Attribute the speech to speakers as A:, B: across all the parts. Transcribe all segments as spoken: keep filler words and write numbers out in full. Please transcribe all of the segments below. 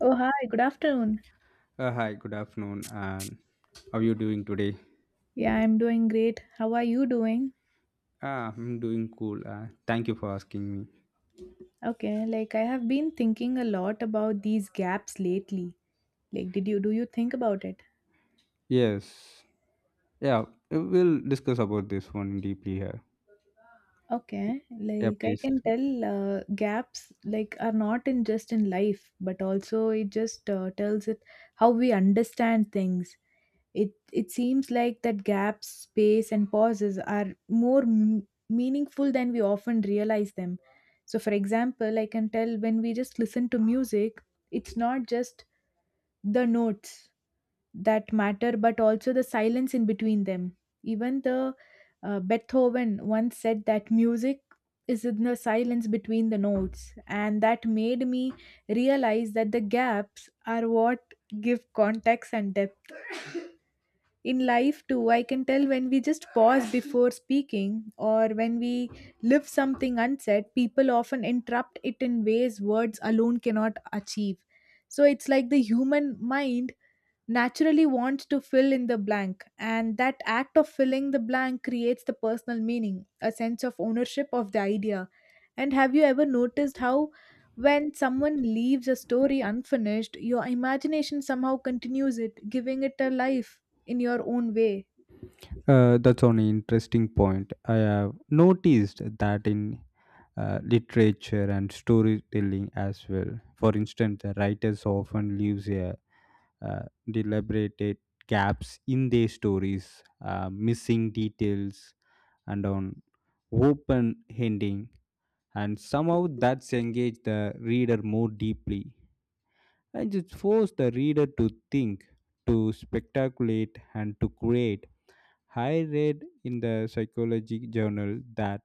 A: Oh, hi, good afternoon.
B: Uh, hi, good afternoon. And how are you doing today?
A: Yeah, I'm doing great. How are you doing?
B: Ah, I'm doing cool. Uh, thank you for asking me.
A: Okay, like I have been thinking a lot about these gaps lately. Like, did you do you think about it?
B: Yes. Yeah, we'll discuss about this one deeply here.
A: Okay,
B: Yeah,
A: like I
B: please.
A: can tell uh, gaps like are not in just in life, but also it just uh, tells it how we understand things. It it seems like that gaps, space, and pauses are more m- meaningful than we often realize them. So, for example, I can tell when we just listen to music, it's not just the notes that matter, but also the silence in between them. Even the uh, Beethoven once said that music is in the silence between the notes, and that made me realize that the gaps are what give context and depth in life too. I can tell when we just pause before speaking or when we leave something unsaid, people often interrupt it in ways words alone cannot achieve. So it's like the human mind naturally wants to fill in the blank, and that act of filling the blank creates the personal meaning, a sense of ownership of the idea. And have you ever noticed how when someone leaves a story unfinished, your imagination somehow continues it, giving it a life in your own way?
B: Uh, that's an interesting point. I have noticed that in uh, literature and storytelling as well. For instance, the writers often leaves a uh, deliberated gaps in their stories, uh, missing details, and on open ending, and somehow that's engaged the reader more deeply, and it forced the reader to think, to speculate, and to create. I read in the psychology journal that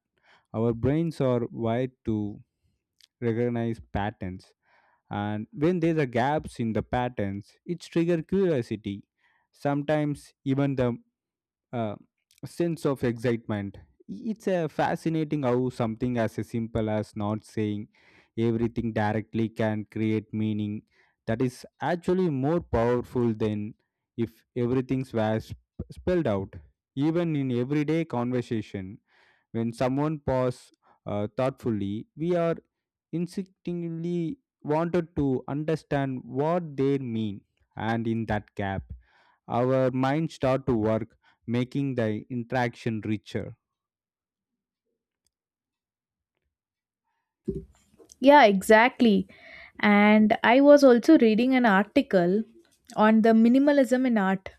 B: our brains are wired to recognize patterns, and when there are gaps in the patterns it triggers curiosity, sometimes even the uh, sense of excitement. It's a fascinating how something as simple as not saying everything directly can create meaning that is actually more powerful than if everything was spelled out. Even in everyday conversation, when someone pauses uh, thoughtfully, we are instinctively wanted to understand what they mean, and in that gap, our mind start to work, making the interaction richer.
A: Yeah, exactly. And I was also reading an article on the minimalism in art,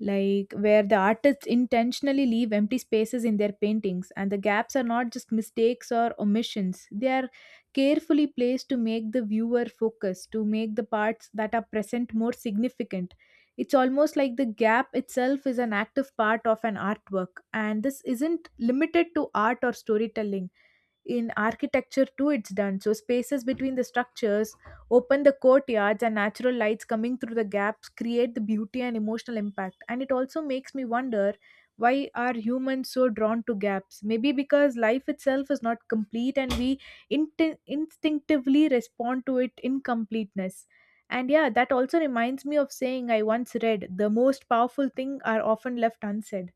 A: like where the artists intentionally leave empty spaces in their paintings, and the gaps are not just mistakes or omissions, they are carefully placed to make the viewer focus, to make the parts that are present more significant. It's almost like the gap itself is an active part of an artwork, and this isn't limited to art or storytelling. In architecture, too, it's done. So, spaces between the structures, open the courtyards, and natural lights coming through the gaps create the beauty and emotional impact. And it also makes me wonder, why are humans so drawn to gaps? Maybe because life itself is not complete and we int instinctively respond to it incompleteness. And yeah, that also reminds me of saying I once read the most powerful thing are often left unsaid.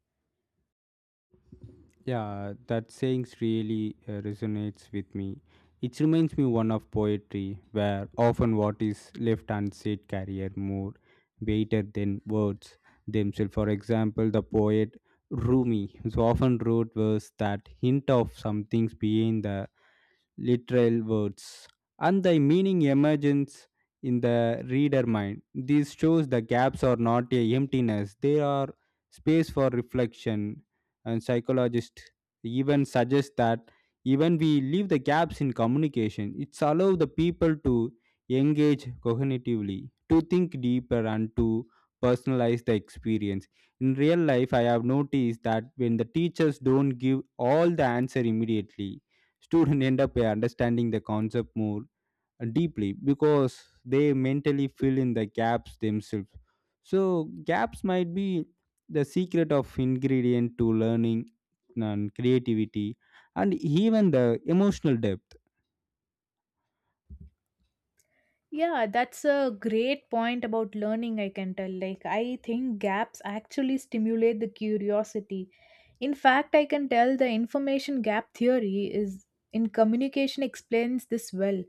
B: Yeah, that saying's really uh, resonates with me. It reminds me one of poetry, where often what is left unsaid carrier more weighter than words themselves. For example, the poet Rumi so often wrote verse that hint of some things behind the literal words, and the meaning emerges in the reader mind. This shows the gaps are not a emptiness; they are space for reflection. And psychologists even suggest that even we leave the gaps in communication, it's allow the people to engage cognitively, to think deeper, and to personalize the experience. In real life, I have noticed that when the teachers don't give all the answer immediately, students end up uh, understanding the concept more uh, deeply because they mentally fill in the gaps themselves. So gaps might be the secret of ingredient to learning, and creativity, and even the emotional depth.
A: Yeah, that's a great point about learning, I can tell. Like, I think gaps actually stimulate the curiosity. In fact, I can tell the information gap theory is in communication explains this well.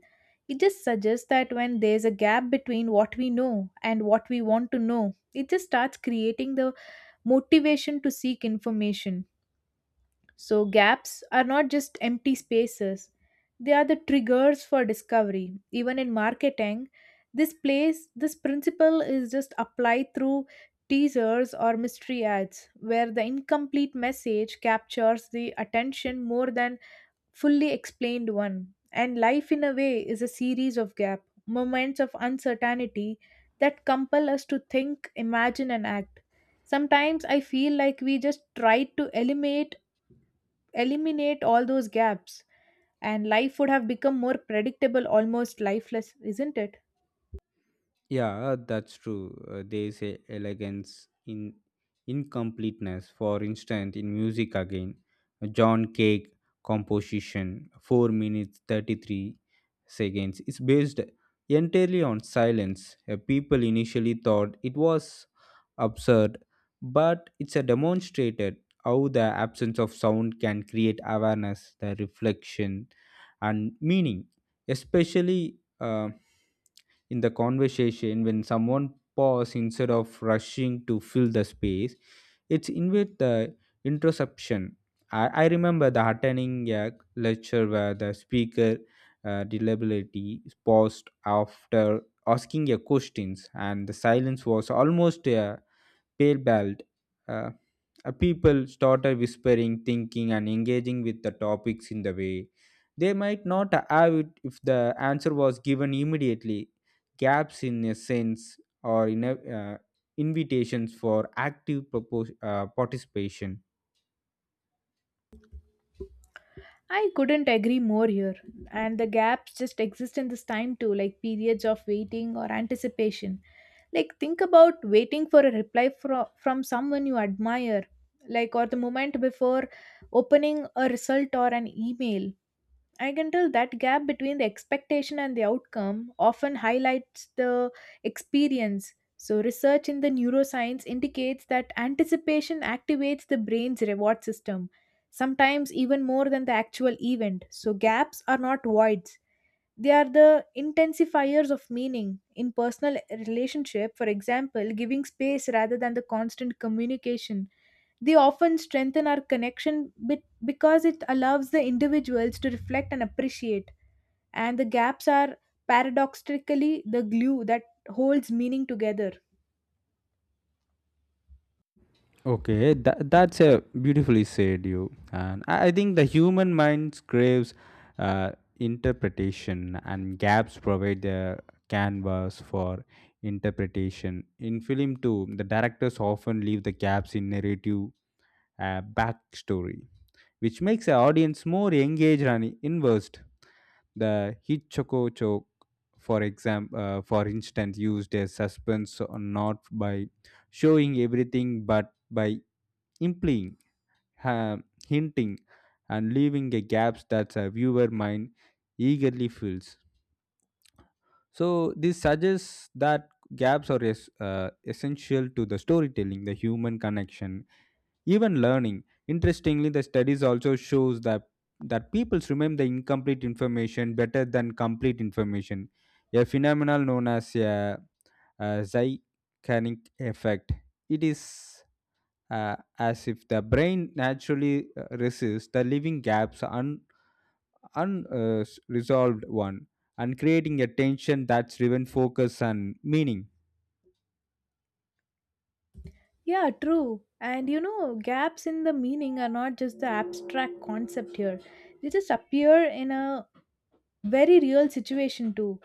A: It just suggests that when there's a gap between what we know and what we want to know, it just starts creating the motivation to seek information. So, gaps are not just empty spaces, they are the triggers for discovery. Even in marketing, this place, this principle is just applied through teasers or mystery ads, where the incomplete message captures the attention more than fully explained one. And life, in a way, is a series of gap moments of uncertainty that compel us to think, imagine, and act. Sometimes I feel like we just try to eliminate eliminate all those gaps and life would have become more predictable, almost lifeless, isn't it?
B: Yeah, uh, that's true. Uh, there is a elegance in incompleteness. For instance, in music again, John Cage composition, four minutes thirty-three seconds, is based entirely on silence. Uh, people initially thought it was absurd, but it's a demonstrated how the absence of sound can create awareness, the reflection, and meaning, especially. Uh, in the conversation, when someone pause instead of rushing to fill the space, it's invite the interception. I, I remember the attending a lecture where the speaker uh, reliability paused after asking a questions, and the silence was almost a pale bald. Uh, uh, People started whispering, thinking, and engaging with the topics in the way they might not have it if the answer was given immediately. Gaps in a sense or in a, uh, invitations for active propos- uh, participation.
A: I couldn't agree more here. And the gaps just exist in this time too, like periods of waiting or anticipation. Like, think about waiting for a reply fro- from someone you admire, like, or the moment before opening a result or an email. I can tell that gap between the expectation and the outcome often highlights the experience. So, research in the neuroscience indicates that anticipation activates the brain's reward system, sometimes even more than the actual event. So, gaps are not voids, they are the intensifiers of meaning. In personal relationship, for example, giving space rather than the constant communication, they often strengthen our connection bit because it allows the individuals to reflect and appreciate. And the gaps are paradoxically the glue that holds meaning together.
B: Okay, that, that's a beautifully said you. And I I think the human mind craves uh, interpretation, and gaps provide the canvas for interpretation. In film, too, the directors often leave the gaps in narrative, uh, backstory, which makes the audience more engaged and inversed. The Hitchcock joke, for example, uh, for instance, used a suspense or not by showing everything, but by implying, ha- hinting, and leaving a gaps that a viewer mind eagerly fills. So this suggests that gaps are es- uh, essential to the storytelling, the human connection, even learning. Interestingly, the studies also shows that that peoples remember the incomplete information better than complete information, a phenomenon known as a, a Zeigarnik effect. It is uh, as if the brain naturally uh, resists the leaving gaps un, unresolved one, and creating a tension that's driven focus and meaning.
A: Yeah, true. And you know, gaps in the meaning are not just the abstract concept here, they just appear in a very real situation too.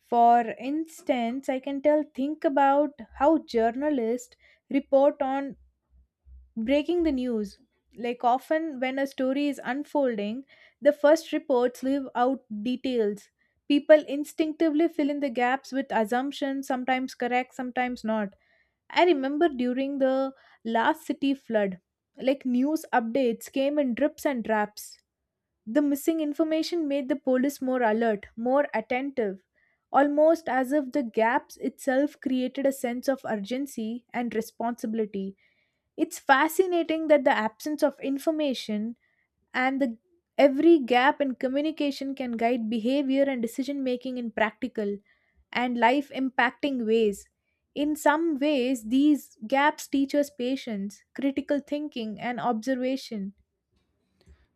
A: For instance, I can tell, think about how journalists report on breaking the news. Like, often when a story is unfolding, the first reports leave out details, people instinctively fill in the gaps with assumptions, sometimes correct, sometimes not. I remember during the last city flood, like news updates came in drips and drabs, the missing information made the police more alert, more attentive, almost as if the gaps itself created a sense of urgency and responsibility. It's fascinating that the absence of information and the every gap in communication can guide behavior and decision making in practical and life impacting ways. In some ways, these gaps teach us patience, critical thinking, and observation.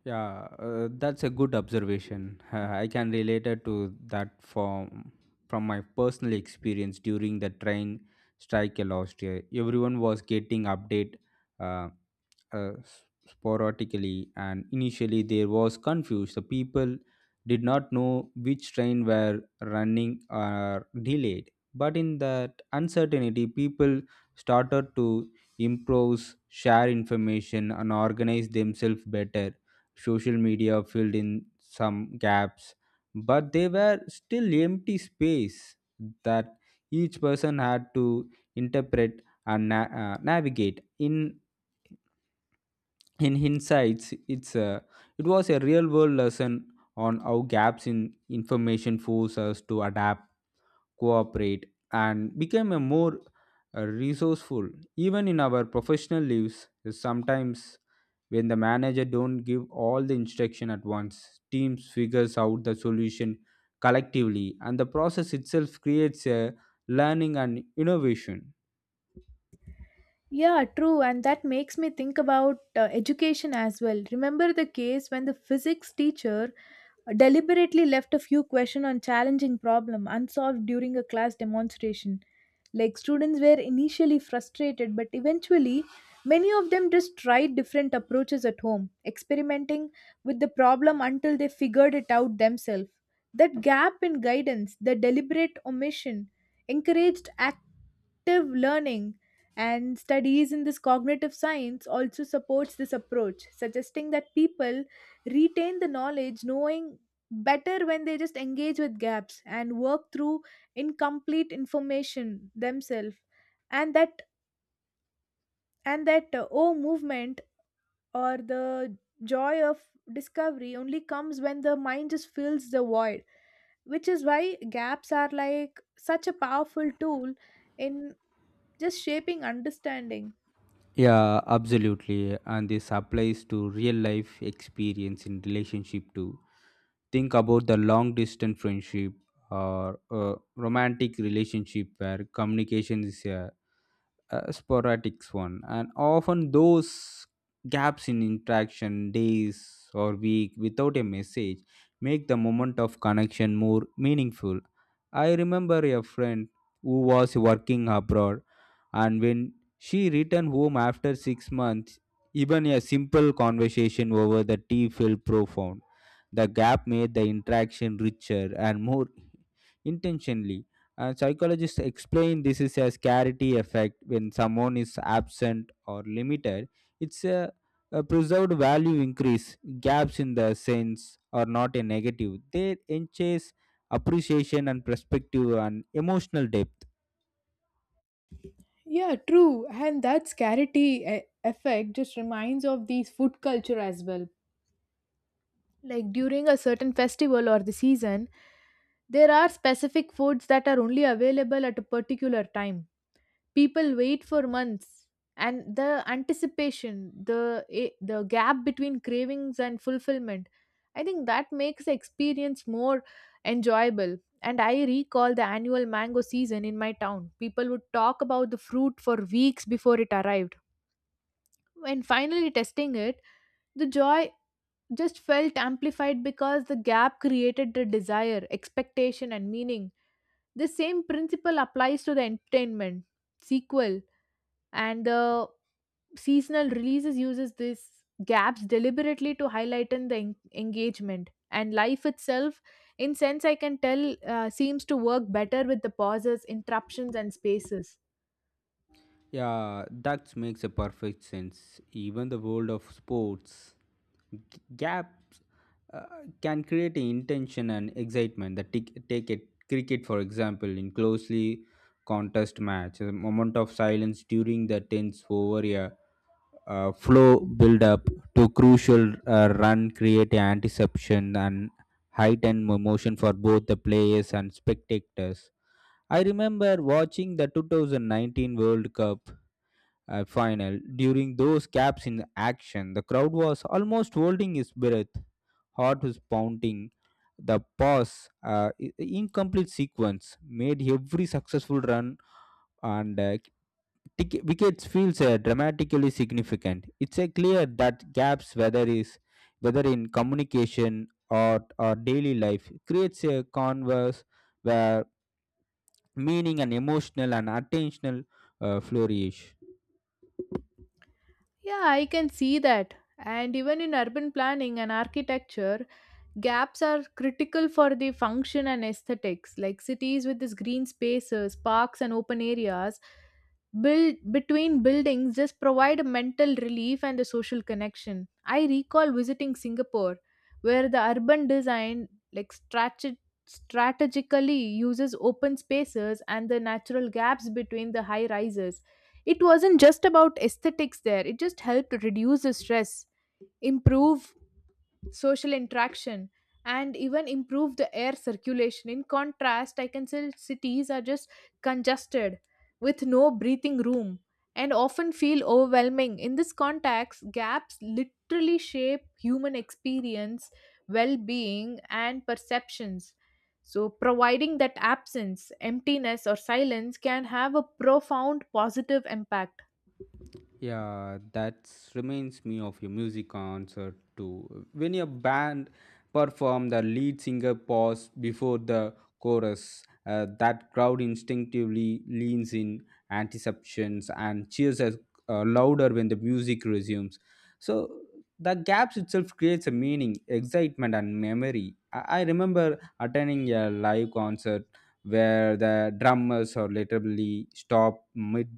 B: Yeah, uh, that's a good observation. Uh, I can relate it to that from from my personal experience during the train strike last year. Everyone was getting update, uh, uh, s- sporadically, and initially there was confusion. The people did not know which train were running or delayed. But in that uncertainty, people started to improvise, share information, and organize themselves better. Social media filled in some gaps, but they were still empty space that each person had to interpret and na- uh, navigate. In in hindsight, it's a, it was a real world lesson on how gaps in information force us to adapt, cooperate, and become a more uh, resourceful. Even in our professional lives, sometimes when the manager don't give all the instruction at once, teams figures out the solution collectively, and the process itself creates a learning and innovation.
A: Yeah, true. And that makes me think about uh, education as well. Remember the case when the physics teacher deliberately left a few questions on challenging problem unsolved during a class demonstration. Like, students were initially frustrated, but eventually many of them just tried different approaches at home, experimenting with the problem until they figured it out themselves. That gap in guidance, the deliberate omission, encouraged active learning, and studies in this cognitive science also supports this approach, suggesting that people retain the knowledge knowing better when they just engage with gaps and work through incomplete information themselves. and that and that uh, oh movement or the joy of discovery only comes when the mind just fills the void, which is why gaps are like such a powerful tool in just shaping understanding.
B: Yeah, absolutely. And this applies to real life experience in relationship too. Think about the long distance friendship or a romantic relationship where communication is a uh, sporadic one, and often those gaps in interaction, days or week without a message, make the moment of connection more meaningful. I remember a friend who was working abroad, and when she returned home after six months, even a simple conversation over the tea felt profound. The gap made the interaction richer and more intentionally. And psychologists explain this is a scarcity effect when someone is absent or limited. It's a, a preserved value increase. Gaps in the sense are not a negative. They enhance appreciation and perspective and emotional depth.
A: Yeah, true. And that scarcity eh, effect just reminds of these food culture as well. Like, during a certain festival or the season, there are specific foods that are only available at a particular time. People wait for months, and the anticipation, the eh, the gap between cravings and fulfillment, I think that makes the experience more enjoyable. And I recall the annual mango season in my town. People would talk about the fruit for weeks before it arrived. When finally testing it, the joy just felt amplified because the gap created the desire, expectation, and meaning. The same principle applies to the entertainment, sequel, and the seasonal releases uses these gaps deliberately to highlight the en- engagement, and life itself in sense I can tell uh, seems to work better with the pauses, interruptions, and spaces.
B: Yeah, that makes a perfect sense. Even the world of sports, g- gaps uh, can create a intention and excitement. The tic- take it cricket for example, in closely contest match, a moment of silence during the tense over a uh, flow build up to crucial uh, run create anticipation and heightened emotion for both the players and spectators. I remember watching the two thousand nineteen world cup uh, final. During those gaps in action, the crowd was almost holding its breath. Heart was pounding. The pause, uh, i- incomplete sequence, made every successful run and uh, tic- wickets feels uh, dramatically significant. It's a clear that gaps, whether is whether in communication or or daily life, creates a converse meaning, and emotional, and attentional uh, flourish.
A: Yeah, I can see that. And even in urban planning and architecture, gaps are critical for the function and aesthetics. Like, cities with these green spaces, parks, and open areas build between buildings just provide a mental relief and a social connection. I recall visiting Singapore, where the urban design like strate- strategically uses open spaces and the natural gaps between the high rises. It wasn't just about aesthetics there; it just helped reduce the stress, improve social interaction, and even improve the air circulation. In contrast, I can say cities are just congested with no breathing room and often feel overwhelming. In this context, gaps literally shape human experience, well-being, and perceptions. So providing that absence, emptiness, or silence can have a profound positive impact.
B: Yeah, that reminds me of your music concert too. When your band performed, the lead singer paused before the chorus. Uh, that crowd instinctively leans in anticipations and cheers as, uh, louder when the music resumes. So the gaps itself creates a meaning, excitement, and memory. I, I remember attending a live concert where the drummers or literally stop mid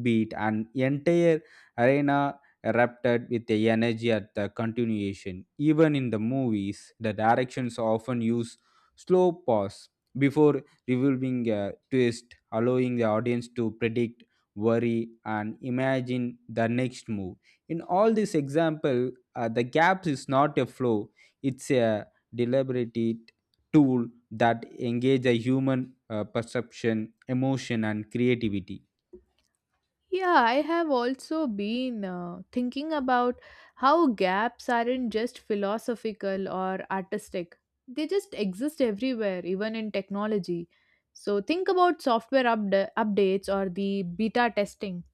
B: beat, and entire arena erupted with the energy at the continuation. Even in the movies, the directions often use slow pause before revealing a twist, allowing the audience to predict, worry, and imagine the next move. In all this example, uh, the gaps is not a flow, it's a deliberate tool that engage a human uh, perception, emotion, and creativity.
A: Yeah, I have also been uh, thinking about how gaps aren't just philosophical or artistic, they just exist everywhere, even in technology. So, think about software upda- updates or the beta testing.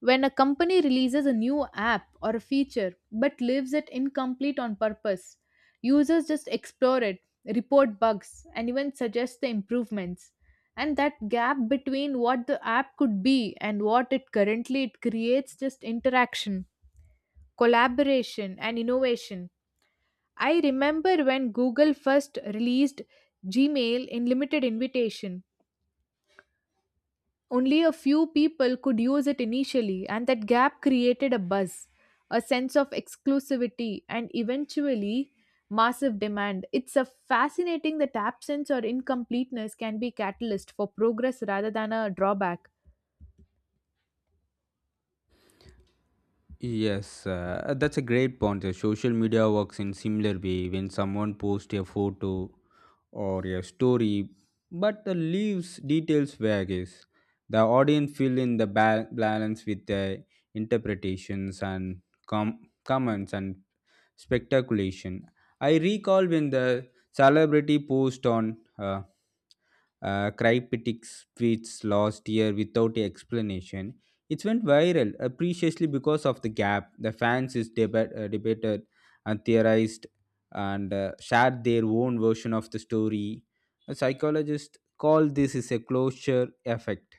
A: When a company releases a new app or a feature but leaves it incomplete on purpose, users just explore it, report bugs, and even suggest the improvements. And that gap between what the app could be and what it currently it creates just interaction, collaboration, and innovation. I remember when Google first released Gmail in limited invitation. Only a few people could use it initially, and that gap created a buzz, a sense of exclusivity, and eventually massive demand. It's a fascinating that absence or incompleteness can be catalyst for progress rather than a drawback.
B: Yes, uh, that's a great point. Uh, Social media works in similar way. When someone posts a photo or a story, but the leaves details vagues. The audience fill in the ba- balance with their interpretations, and com- comments, and speculation. I recall when the celebrity posed on uh, uh, Cryptics tweets last year without explanation. It went viral, uh, preciously because of the gap. The fans is deba- uh, debated and theorized and uh, shared their own version of the story. A psychologist called this is a closure effect,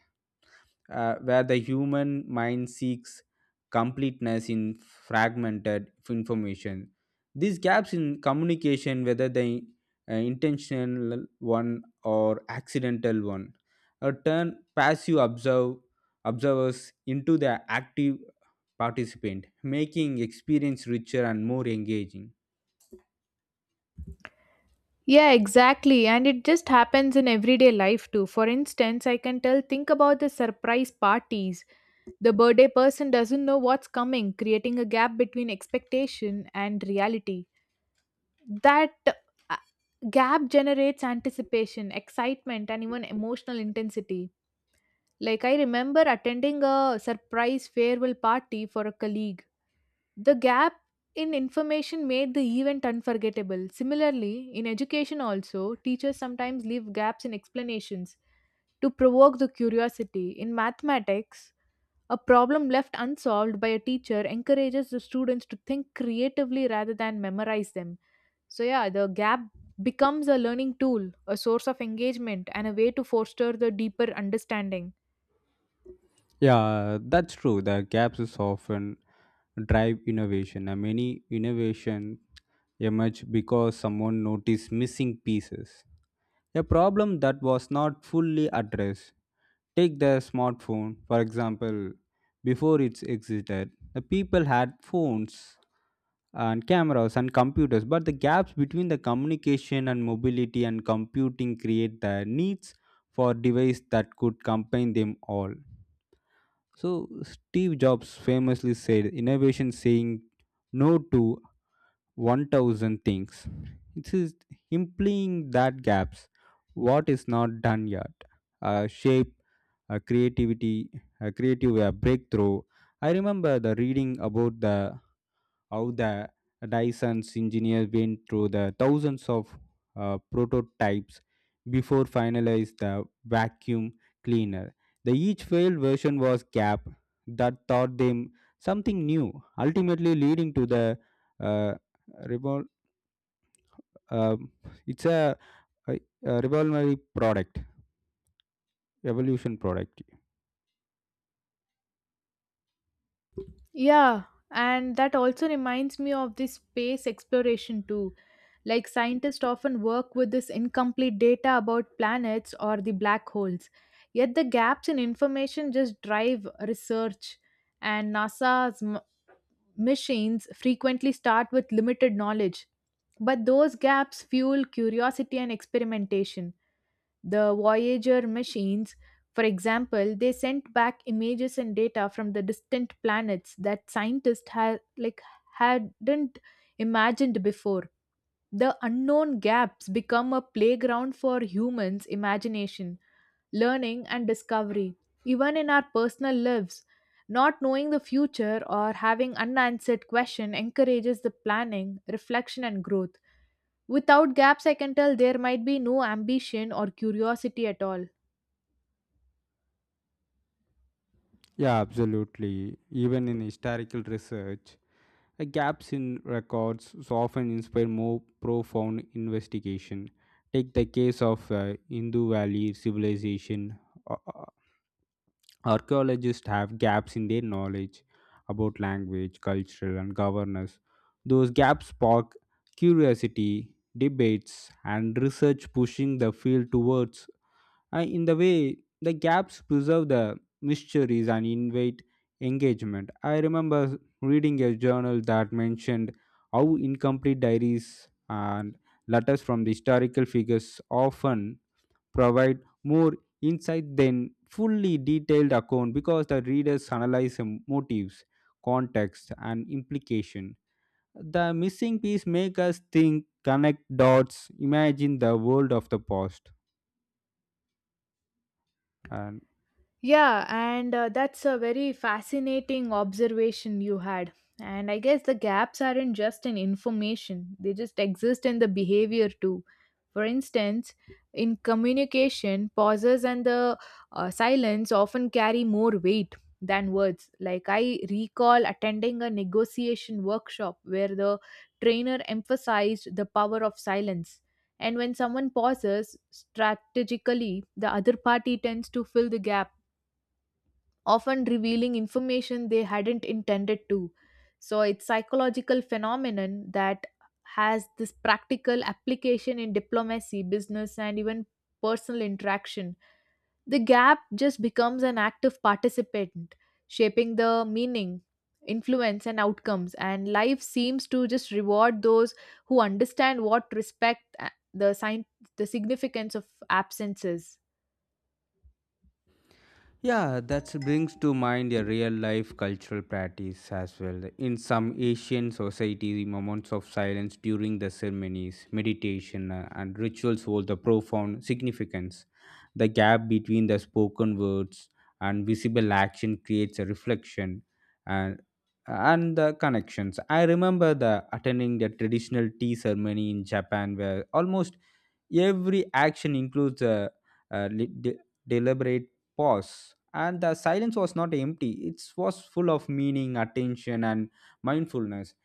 B: uh, where the human mind seeks completeness in fragmented information. These gaps in communication, whether the uh, intentional one or accidental one, uh, turn passive observe, observers into the active participant, making experience richer and more engaging.
A: Yeah, exactly. And it just happens in everyday life too. For instance, I can tell, think about the surprise parties. The birthday person doesn't know what's coming, creating a gap between expectation and reality. that uh, gap generates anticipation, excitement, and even emotional intensity. Like, I remember attending a surprise farewell party for a colleague. The gap in information made the event unforgettable. Similarly, in education, also, teachers sometimes leave gaps in explanations to provoke the curiosity. In mathematics, a problem left unsolved by a teacher encourages the students to think creatively rather than memorize them. So, yeah, the gap becomes a learning tool, a source of engagement, and a way to foster the deeper understanding.
B: Yeah, that's true. The gaps is often drive innovation, and many innovation emerge because someone noticed missing pieces. A problem that was not fully addressed. Take the smartphone, for example, before it's existed, the people had phones, and cameras, and computers, but the gaps between the communication, and mobility, and computing create the needs for device that could combine them all. So, Steve Jobs famously said innovation saying no to one thousand things. It is implying that gaps, what is not done yet, uh, shape, uh, creativity, uh, creative uh, breakthrough. I remember the reading about the how the Dyson's engineer went through the thousands of uh, prototypes before finalized the vacuum cleaner. The each failed version was gap that taught them something new, ultimately leading to the uh, revol- uh, it's a, a, a revolutionary product evolution product.
A: Yeah, and that also reminds me of this space exploration too. Like, scientists often work with this incomplete data about planets or the black holes. Yet, the gaps in information just drive research, and NASA's m- missions frequently start with limited knowledge. But those gaps fuel curiosity and experimentation. The Voyager machines, for example, they sent back images and data from the distant planets that scientists had like hadn't imagined before. The unknown gaps become a playground for humans' imagination, learning, and discovery. Even in our personal lives, not knowing the future or having unanswered question encourages the planning, reflection, and growth. Without gaps, I can tell there might be no ambition or curiosity at all.
B: Yeah, absolutely. Even in historical research, Uh, gaps in records so often inspire more profound investigation. Take the case of uh, Hindu Valley civilization. Uh, uh, Archaeologists have gaps in their knowledge about language, cultural, and governance. Those gaps spark curiosity, debates, and research, pushing the field towards. And in the way, the gaps preserve the mysteries and invite engagement. I remember reading a journal that mentioned how incomplete diaries and letters from the historical figures often provide more insight than fully detailed account, because the readers analyze um, motives, context, and implication. The missing piece make us think, connect dots, imagine the world of the past. And
A: Yeah, and uh, that's a very fascinating observation you had. And I guess the gaps aren't just in information, they just exist in the behavior too. For instance, in communication, pauses and the uh, silence often carry more weight than words. Like, I recall attending a negotiation workshop where the trainer emphasized the power of silence. And when someone pauses strategically, the other party tends to fill the gap, often revealing information they hadn't intended to. So it's psychological phenomenon that has this practical application in diplomacy, business, and even personal interaction. The gap just becomes an active participant, shaping the meaning, influence, and outcomes, and life seems to just reward those who understand what respect uh, the sign the significance of absences.
B: yeah, that brings to mind a real life cultural practice as well. In some Asian societies, moments of silence during the ceremonies, meditation, uh, and rituals hold a profound significance. The gap between the spoken words and visible action creates a reflection and, and the connections. I remember the attending the traditional tea ceremony in Japan where almost every action includes a, a li- de- deliberate pause, and the silence was not empty, it was full of meaning, attention, and mindfulness.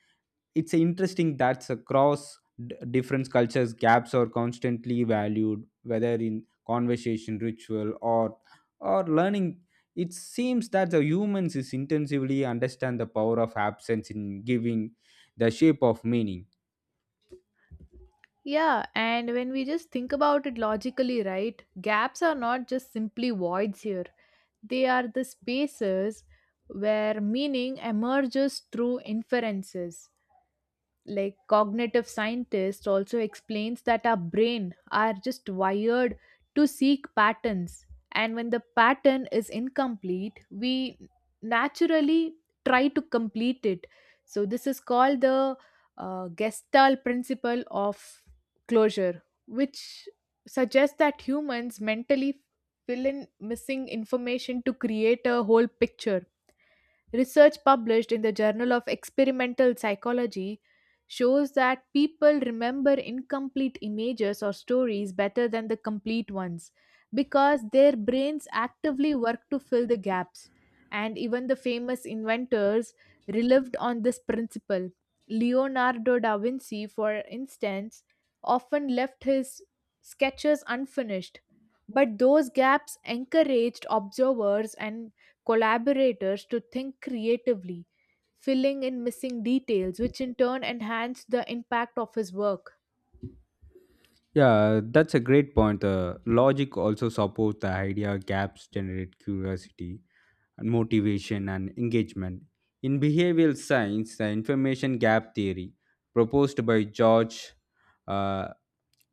B: It's interesting that across d- different cultures, gaps are constantly valued, whether in conversation, ritual, or or learning. It seems that the humans is intensively understand the power of absence in giving the shape of meaning.
A: Yeah, and when we just think about it logically, right, gaps are not just simply voids here. They are the spaces where meaning emerges through inferences. Like, cognitive scientists also explains that our brain are just wired to seek patterns, and when the pattern is incomplete, we naturally try to complete it. So this is called the uh, gestalt principle of closure, which suggests that humans mentally fill in missing information to create a whole picture. Research published in the Journal of Experimental Psychology shows that people remember incomplete images or stories better than the complete ones because their brains actively work to fill the gaps. And even the famous inventors relived on this principle. Leonardo da Vinci, for instance, often left his sketches unfinished, but those gaps encouraged observers and collaborators to think creatively, filling in missing details, which in turn enhance the impact of his work.
B: Yeah, that's a great point. Uh, logic also supports the idea gaps generate curiosity, and motivation, and engagement. In behavioral science, the information gap theory proposed by George uh,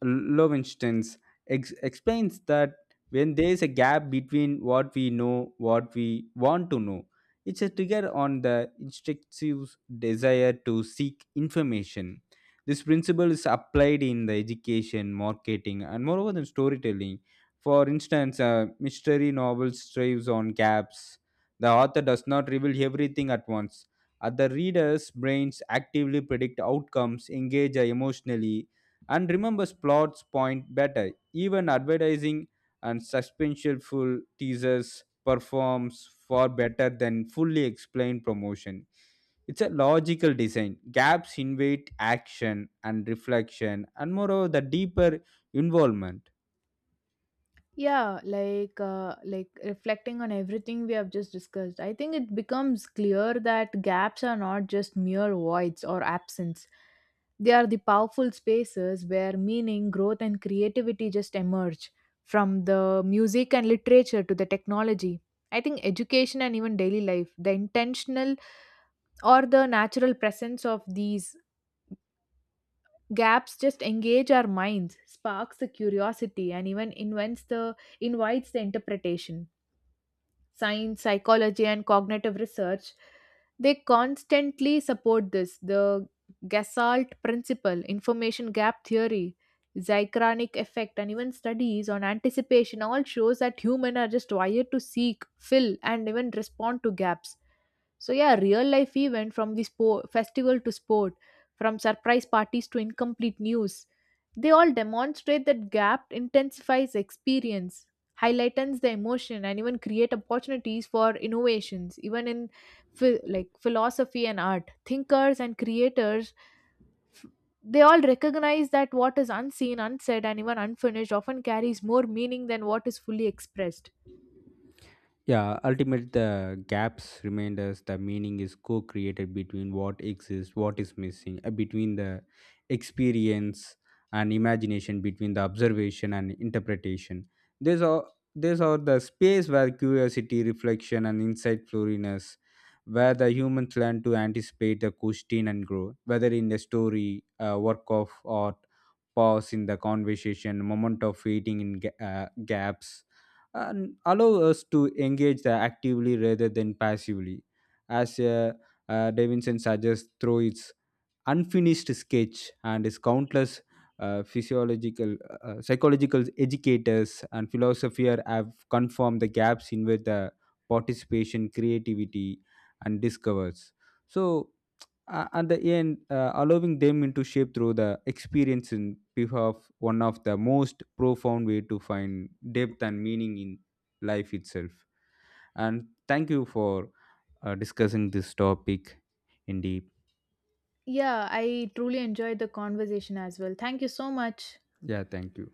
B: Lowenstein's ex- explains that when there is a gap between what we know what we want to know, it's a trigger on the instinctive desire to seek information. This principle is applied in the education, marketing, and moreover than storytelling. For instance, a mystery novel strives on gaps. The author does not reveal everything at once. Other readers' brains actively predict outcomes, engage emotionally, and remembers plots point better. Even advertising and suspenseful teasers performs far better than fully explained promotion. It's a logical design. Gaps invade action and reflection, and moreover, the deeper involvement.
A: Yeah, like uh, like reflecting on everything we have just discussed, I think it becomes clear that gaps are not just mere voids or absence. They are the powerful spaces where meaning, growth, and creativity just emerge from the music and literature to the technology. I think education and even daily life, the intentional or the natural presence of these gaps just engage our minds, sparks the curiosity, and even invents the invites the interpretation. Science, psychology, and cognitive research, they constantly support this, the Gestalt principle, information gap theory, zychronic effect, and even studies on anticipation all shows that humans are just wired to seek, fill, and even respond to gaps. So yeah, real life event from the sport festival to sport, from surprise parties to incomplete news. They all demonstrate that gap intensifies experience, highlightens the emotion, and even create opportunities for innovations, even in phi- like philosophy and art. Thinkers and creators, f- they all recognize that what is unseen, unsaid, and even unfinished often carries more meaning than what is fully expressed.
B: Yeah, ultimately the gaps remind us the meaning is co-created between what exists, what is missing, uh, between the experience and imagination, between the observation and interpretation. These are these are the space where curiosity, reflection, and insight flourishes, where the humans learn to anticipate the question and grow, whether in a story, a work of art, pause in the conversation, moment of waiting in ga- uh, gaps, and allow us to engage the actively rather than passively. As uh, uh, Davidson suggests through its unfinished sketch and his countless uh, physiological, uh, psychological educators and philosopher have confirmed the gaps in which the participation, creativity, and discovers. So uh, at the end, uh, allowing them into shape through the experience in behalf one of the most profound way to find depth and meaning in life itself. And thank you for uh, discussing this topic in deep.
A: Yeah, I truly enjoyed the conversation as well. Thank you so much.
B: Yeah, thank you.